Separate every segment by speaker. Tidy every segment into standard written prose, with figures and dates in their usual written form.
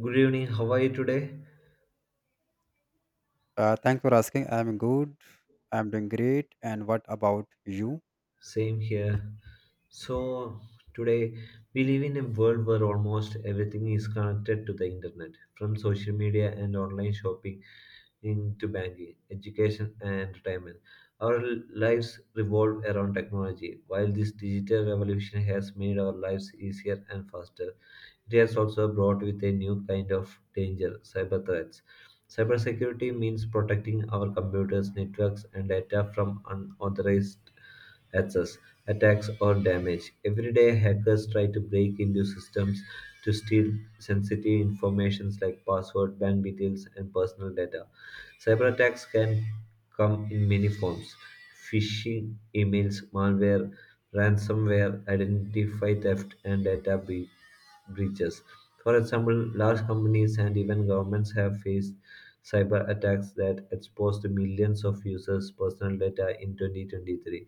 Speaker 1: Good evening. How are you today?
Speaker 2: Thanks for asking. I'm good. I'm doing great. And what about you?
Speaker 1: Same here. So today we live in a world where almost everything is connected to the internet, from social media and online shopping into banking, education, and entertainment. Our lives revolve around technology. While this digital revolution has made our lives easier and faster, it has also brought with a new kind of danger cyber threats. Cybersecurity means protecting our computers, networks, and data from unauthorized access, attacks, or damage. Every day, hackers try to break into systems to steal sensitive information like password, bank details, and personal data. Cyber attacks can come in many forms phishing emails, malware, ransomware, identity theft, and breaches. For example, large companies and even governments have faced cyber attacks that exposed millions of users' personal data in 2023.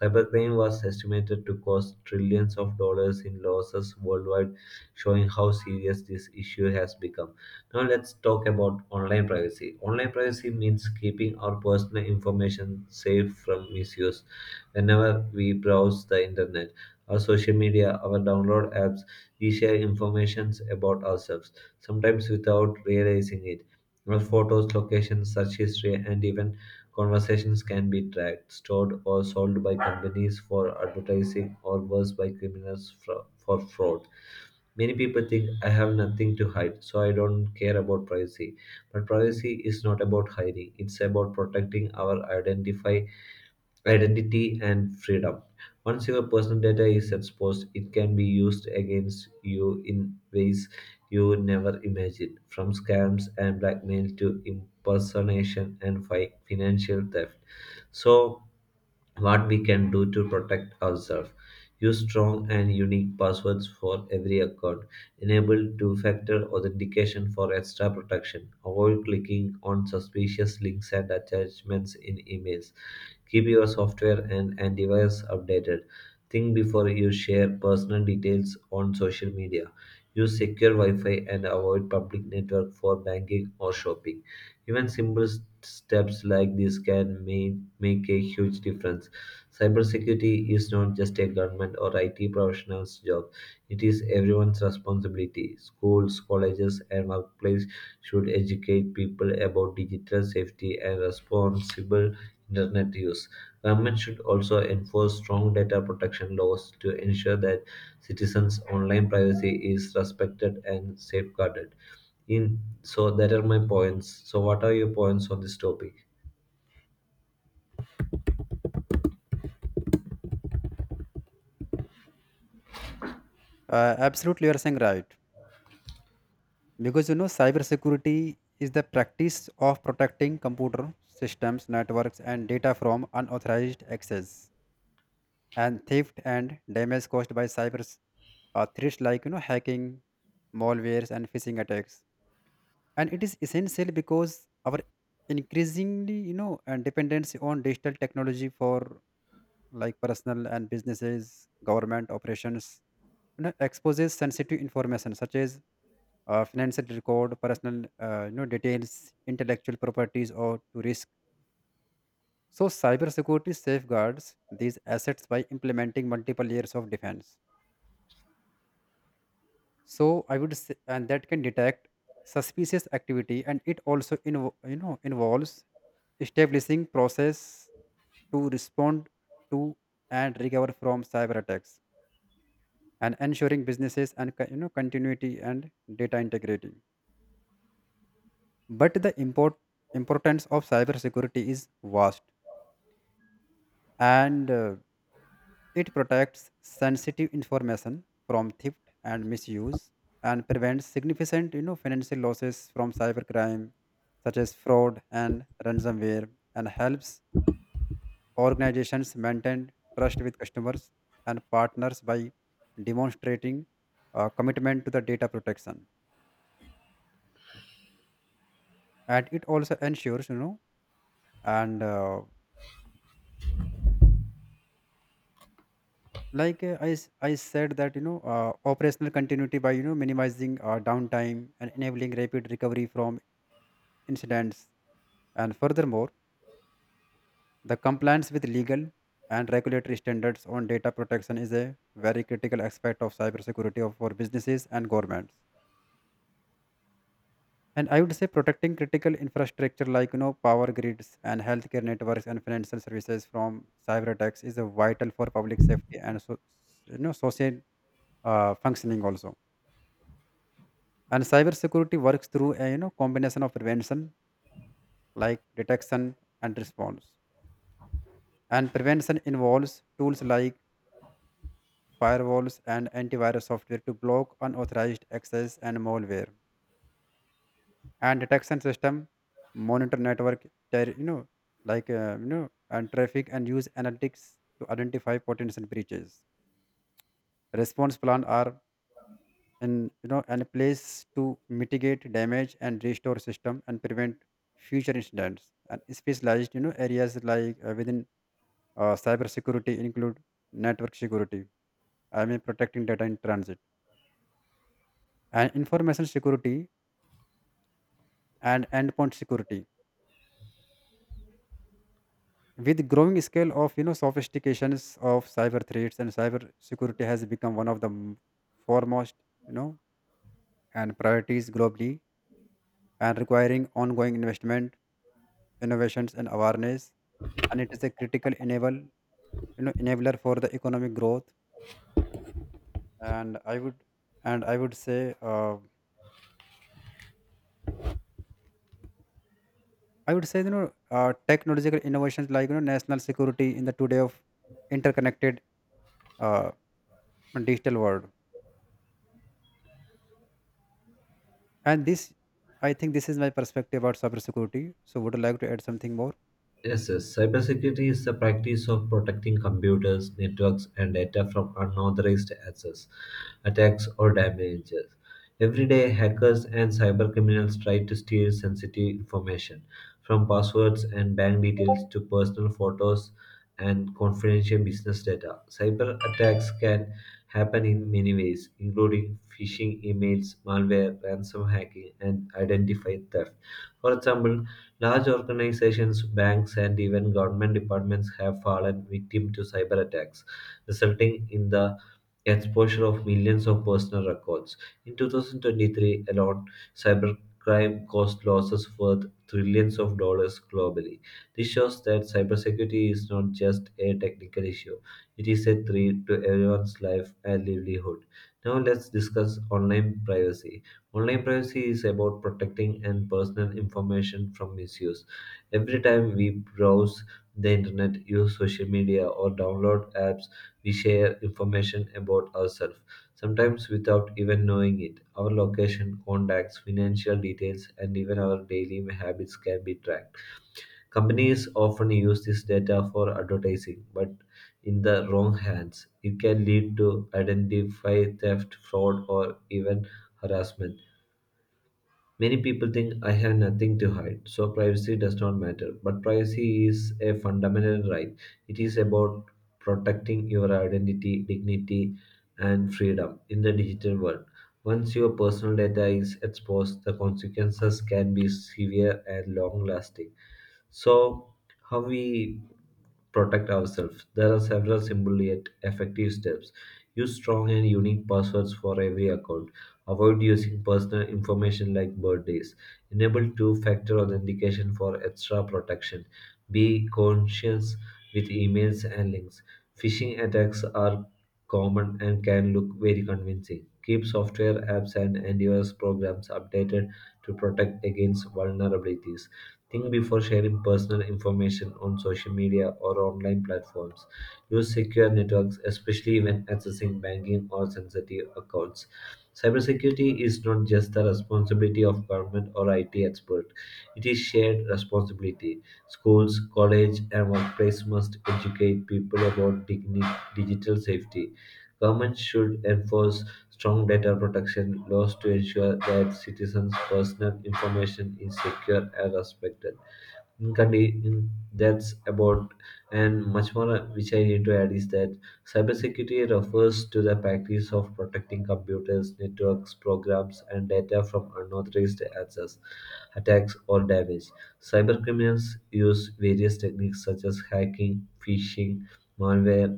Speaker 1: Cybercrime was estimated to cost trillions of dollars in losses worldwide, showing how serious this issue has become. Now, let's talk about online privacy. Online privacy means keeping our personal information safe from misuse. Whenever we browse the internet, our social media, our download apps, we share informations about ourselves, sometimes without realizing it. Our photos, locations, search history, and even conversations can be tracked, stored, or sold by companies for advertising, or worse, by criminals for fraud. Many people think I have nothing to hide, so I don't care about privacy. But privacy is not about hiding, it's about protecting our identify identity and freedom. Once your personal data is exposed, it can be used against you in ways you never imagined from scams and blackmail to impersonation and financial theft. So, what we can do to protect ourselves. Use strong and unique passwords for every account. Enable two factor authentication for extra protection. Avoid clicking on suspicious links and attachments in emails. Keep your software and antivirus updated. Think before you share personal details on social media. Use secure Wi Fi and avoid public network for banking or shopping. Even simple steps like this can make a huge difference. Cybersecurity is not just a government or IT professional's job, it is everyone's responsibility. Schools, colleges, and workplace should educate people about digital safety and responsible internet use. Government should also enforce strong data protection laws to ensure that citizens' online privacy is respected and safeguarded in so that are my points so what are your points on this topic?
Speaker 2: Absolutely, you're saying right. Because you know, cybersecurity is the practice of protecting computer systems, networks, and data from unauthorized access and theft and damage caused by cyber threats like you know hacking, malwares, and phishing attacks. And it is essential because our increasingly you know and dependency on digital technology for like personal and businesses, government operations, you know, exposes sensitive information such as financial record, personal details, intellectual properties, or to risk. So, cybersecurity safeguards these assets by implementing multiple layers of defense. So, I would say, and that can detect suspicious activity, and it also involves establishing process to respond to and recover from cyber attacks and ensuring businesses and continuity and data integrity. But the importance of cybersecurity is vast, and it protects sensitive information from theft and misuse, and prevents significant you know financial losses from cybercrime such as fraud and ransomware, and helps organizations maintain trust with customers and partners by demonstrating commitment to the data protection. And it also ensures you know and like I, s- I said that you know operational continuity by you know minimizing downtime and enabling rapid recovery from incidents. And furthermore, the compliance with legal and regulatory standards on data protection is a very critical aspect of cybersecurity of, for businesses and governments. And I would say protecting critical infrastructure like you know power grids and healthcare networks and financial services from cyber attacks is a vital for public safety and so you know social functioning also. And cyber security works through a you know combination of prevention, like detection and response. And prevention involves tools like firewalls and antivirus software to block unauthorized access and malware, and detection system monitor network ter- you know like uh, you know and traffic and use analytics to identify potential breaches. Response plan are in you know and place to mitigate damage and restore system and prevent future incidents. And specialized you know areas like within cyber security include network security, I mean protecting data in transit, and information security, and endpoint security. With the growing scale of you know sophistications of cyber threats, and cyber security has become one of the foremost you know and priorities globally, and requiring ongoing investment, innovations, and awareness. And it is a critical enabler for the economic growth. And I would and I would say you know technological innovations like you know national security in the today of interconnected uh, digital world. And this is my perspective about cybersecurity. So, would you like to add something more?
Speaker 1: Yes, yes. Cybersecurity is the practice of protecting computers, networks, and data from unauthorized access, attacks, or damages. Every day, hackers and cyber criminals try to steal sensitive information, from passwords and bank details to personal photos and confidential business data. Cyber attacks can happen in many ways, including phishing emails, malware, ransom hacking, and identity theft. For example, large organizations, banks, and even government departments have fallen victim to cyber attacks, resulting in the exposure of millions of personal records. In 2023 alone, cybercrime caused losses worth trillions of dollars globally. This shows that cybersecurity is not just a technical issue, it is a threat to everyone's life and livelihood. Now, let's discuss online privacy. Online privacy is about protecting and personal information from misuse. Every time we browse the internet, use social media, or download apps, we share information about ourselves, sometimes without even knowing it. Our location, contacts, financial details, and even our daily habits can be tracked. Companies often use this data for advertising, but in the wrong hands, it can lead to identity theft, fraud, or even harassment. Many people think I have nothing to hide, so privacy does not matter. But privacy is a fundamental right. It is about protecting your identity, dignity, and freedom in the digital world. Once your personal data is exposed, the consequences can be severe and long lasting. So, how we protect ourselves? There are several simple yet effective steps. Use strong and unique passwords for every account. Avoid using personal information like birthdays. Enable two factor authentication for extra protection. Be conscious with emails and links. Phishing attacks are common and can look very convincing. Keep software apps and antivirus programs updated to protect against vulnerabilities. Think before sharing personal information on social media or online platforms. Use secure networks, especially when accessing banking or sensitive accounts. Cybersecurity is not just the responsibility of government or IT expert. It is shared responsibility. Schools, college, and workplace must educate people about digital safety. Government should enforce strong data protection laws to ensure that citizens' personal information is secure and respected in in that's about and much more which I need to add is that cybersecurity refers to the practice of protecting computers, networks, programs, and data from unauthorized access, attacks, or damage. Cybercriminals use various techniques such as hacking, phishing, malware,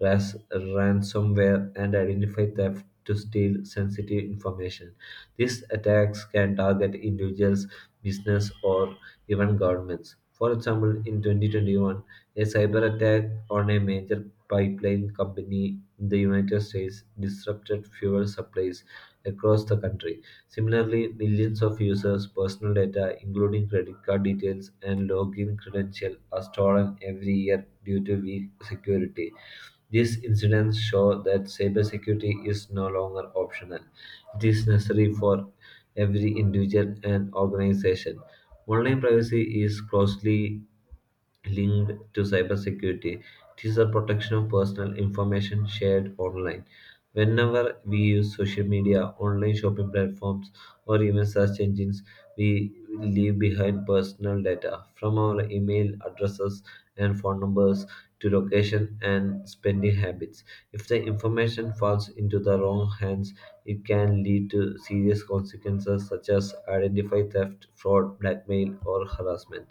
Speaker 1: ransomware, and identify theft to steal sensitive information. These attacks can target individuals, business, or even governments. For example, in 2021, a cyber attack on a major pipeline company in the United States disrupted fuel supplies across the country. Similarly, millions of users' personal data, including credit card details and login credentials, are stolen every year due to weak security. These incidents show that cybersecurity is no longer optional. It is necessary for every individual and organization. Online privacy is closely linked to cybersecurity. It is the protection of personal information shared online. Whenever we use social media, online shopping platforms, or even search engines, we leave behind personal data from our email addresses and phone numbers to location and spending habits. If the information falls into the wrong hands, it can lead to serious consequences such as identity theft, fraud, blackmail, or harassment.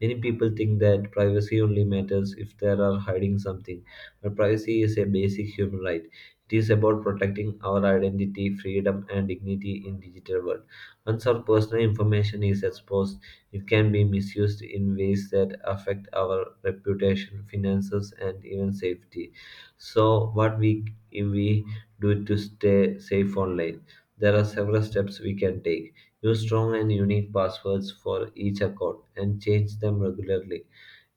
Speaker 1: Many people think that privacy only matters if they are hiding something, but privacy is a basic human right. It is about protecting our identity, freedom, and dignity in digital world. Once our personal information is exposed, it can be misused in ways that affect our reputation, finances, and even safety. So, what we do to stay safe online? There are several steps we can take. Use strong and unique passwords for each account and change them regularly.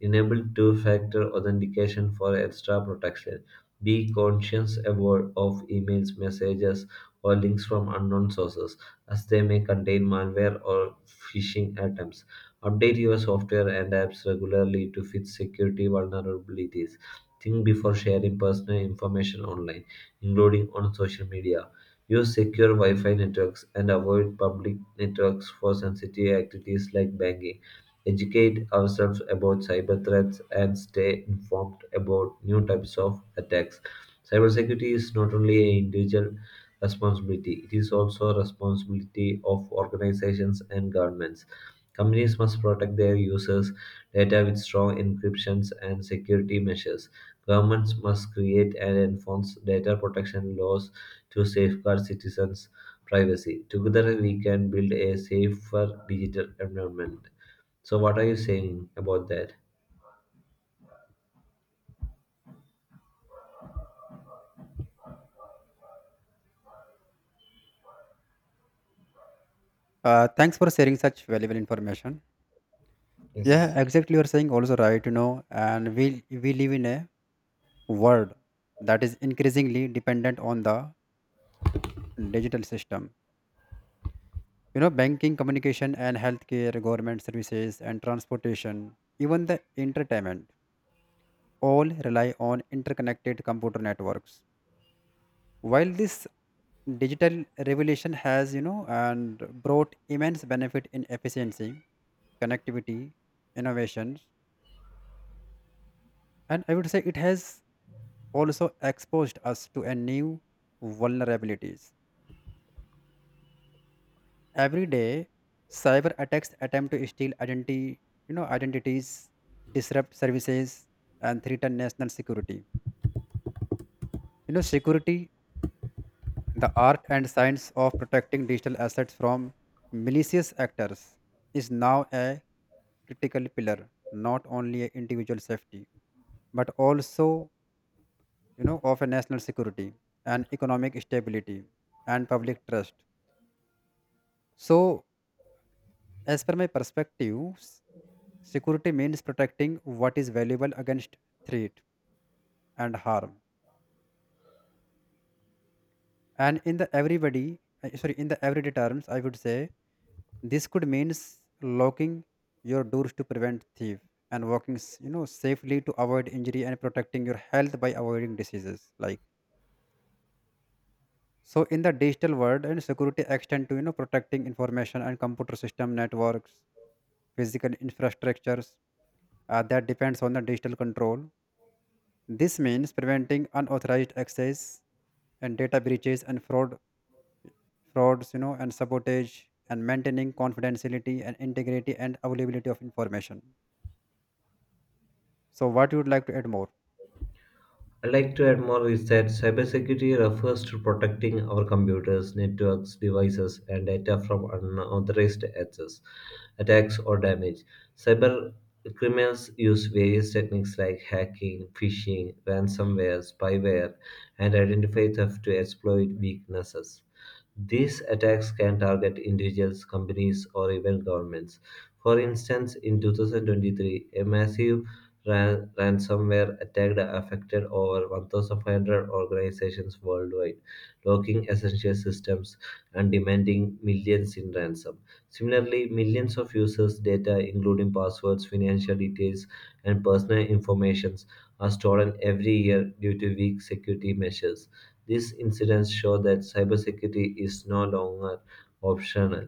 Speaker 1: Enable two factor authentication for extra protection. Be conscious aware of emails, messages, or links from unknown sources, as they may contain malware or phishing attempts. Update your software and apps regularly to fix security vulnerabilities. Think before sharing personal information online, including on social media. Use secure Wi Fi networks and avoid public networks for sensitive activities like banking. Educate ourselves about cyber threats and stay informed about new types of attacks. Cybersecurity is not only an individual responsibility, it is also a responsibility of organizations and governments. Companies must protect their users' data with strong encryptions and security measures. Governments must create and enforce data protection laws to safeguard citizens' privacy. Together, we can build a safer digital environment. So, what are you saying about that?
Speaker 2: Thanks for sharing such valuable information.
Speaker 1: Yes.
Speaker 2: Yeah, exactly. You're saying also right. You know, and we live in a world that is increasingly dependent on the digital system. You know, banking, communication, and healthcare, government services, and transportation, even the entertainment, all rely on interconnected computer networks. While this digital revolution has, you know, and brought immense benefit in efficiency, connectivity, innovations, and I would say it has also exposed us to a new vulnerabilities. Every day, cyber attacks attempt to steal identity, you know, identities, disrupt services, and threaten national security. You know, security, the art and science of protecting digital assets from malicious actors is now a critical pillar, not only a individual safety but also you know of a national security and economic stability and public trust. So, as per my perspective, security means protecting what is valuable against threat and harm. And in the everyday terms, I would say this could means locking your doors to prevent thief, and walking s- you know safely to avoid injury, and protecting your health by avoiding diseases like. So in the digital world, and security extend to you know protecting information and computer system networks, physical infrastructures that depends on the digital control. This means preventing unauthorized access and data breaches and frauds, you know, and sabotage, and maintaining confidentiality and integrity and availability of information. So what you would like to add more?
Speaker 1: I like to add more is that cybersecurity refers to protecting our computers, networks, devices, and data from unauthorized access, attacks, or damage. Cyber criminals use various techniques like hacking, phishing, ransomware, spyware, and identity theft to exploit weaknesses. These attacks can target individuals, companies, or even governments. For instance, in 2023, a massive ransomware attack affected over 1,500 organizations worldwide, locking essential systems and demanding millions in ransom. Similarly, millions of users' data, including passwords, financial details, and personal informations are stolen every year due to weak security measures. These incidents show that cybersecurity is no longer optional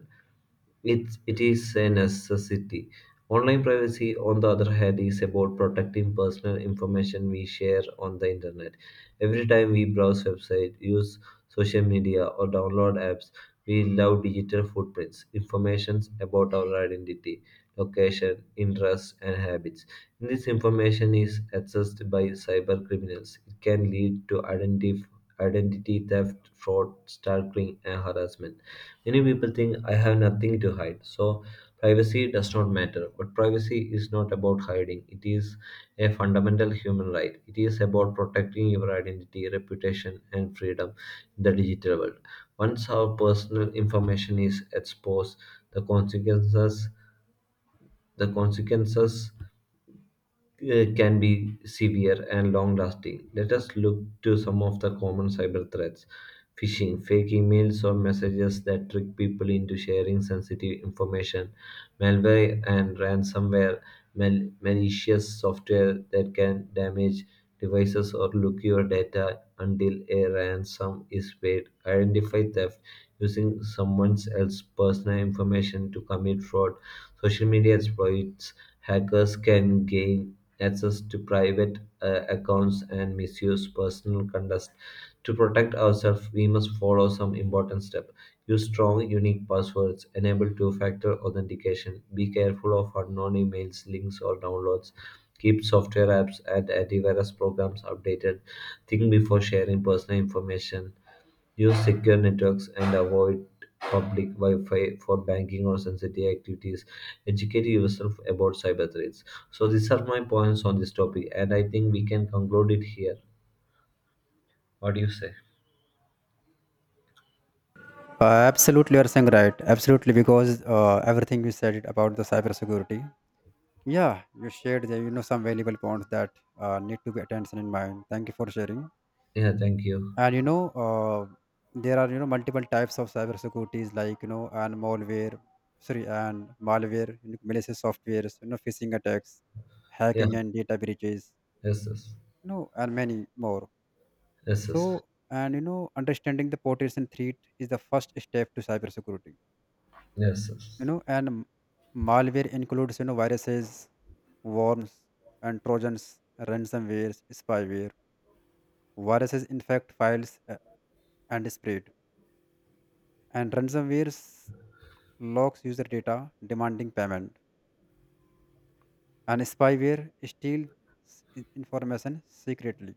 Speaker 1: it is a necessity. Online privacy, on the other hand, is about protecting personal information we share on the internet. Every time we browse websites, use social media, or download apps, we allow digital footprints, information about our identity, location, interests, and habits. This information is accessed by cyber criminals. It can lead to identity theft, fraud, stalking, and harassment. Many people think I have nothing to hide, so privacy does not matter. But privacy is not about hiding, it is a fundamental human right. It is about protecting your identity, reputation, and freedom in the digital world. Once our personal information is exposed, the consequences the consequences can be severe and long lasting. Let us look to some of the common cyber threats phishing, fake emails or messages that trick people into sharing sensitive information, malware and ransomware, malicious software that can damage devices or look your data until a ransom is paid, identify theft using someone else's personal information to commit fraud. Social media exploits hackers can gain access to private accounts and misuse personal conduct. To protect ourselves, we must follow some important steps. Use strong, unique passwords. Enable two-factor authentication. Be careful of unknown emails, links, or downloads. Keep software apps and antivirus programs updated. Think before sharing personal information. Use secure networks and avoid public Wi-Fi for banking or sensitive activities. Educate yourself about cyber threats. So these are my points on this topic, and I think we can conclude it here. What do you say?
Speaker 2: Absolutely, you are saying right. Absolutely, because everything you said it about the cybersecurity. Yeah, you shared the, you know some valuable points that need to be attention in mind. Thank you for sharing.
Speaker 1: Yeah, thank you.
Speaker 2: And you know, there are you know multiple types of cyber securities like you know and malware, you know, malicious softwares, you know, phishing attacks,
Speaker 1: Yeah,
Speaker 2: hacking and data breaches,
Speaker 1: yes, yes,
Speaker 2: you know, and many more.
Speaker 1: yes, yes,
Speaker 2: So, and you know, understanding the potential threat is the first step to cybersecurity.
Speaker 1: yes.
Speaker 2: You
Speaker 1: Yes.
Speaker 2: know, malware includes you know viruses, worms, and trojans, ransomware, spyware. Viruses infect files and spread, and ransomware locks user data demanding payment, and spyware steals information secretly.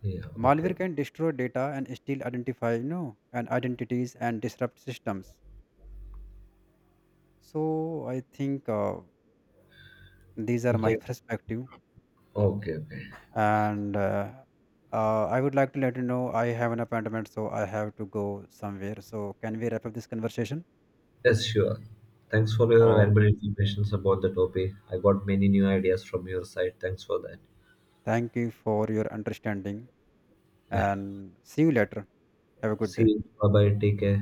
Speaker 1: Yeah,
Speaker 2: Malware
Speaker 1: okay.
Speaker 2: can destroy data and steal identify you know and identities and disrupt systems. So I think these are
Speaker 1: We
Speaker 2: my
Speaker 1: can.
Speaker 2: perspective.
Speaker 1: Okay, okay.
Speaker 2: And I would like to let you know I have an appointment, so I have to go somewhere. So can we wrap up this conversation?
Speaker 1: Yes, sure. Thanks for your
Speaker 2: Oh,
Speaker 1: valuable information about the topic. I got many new ideas from your side. Thanks for that.
Speaker 2: thank you for your understanding,
Speaker 1: Yeah.
Speaker 2: and see you later. Have a good
Speaker 1: See
Speaker 2: day.
Speaker 1: you. Bye bye. Take care.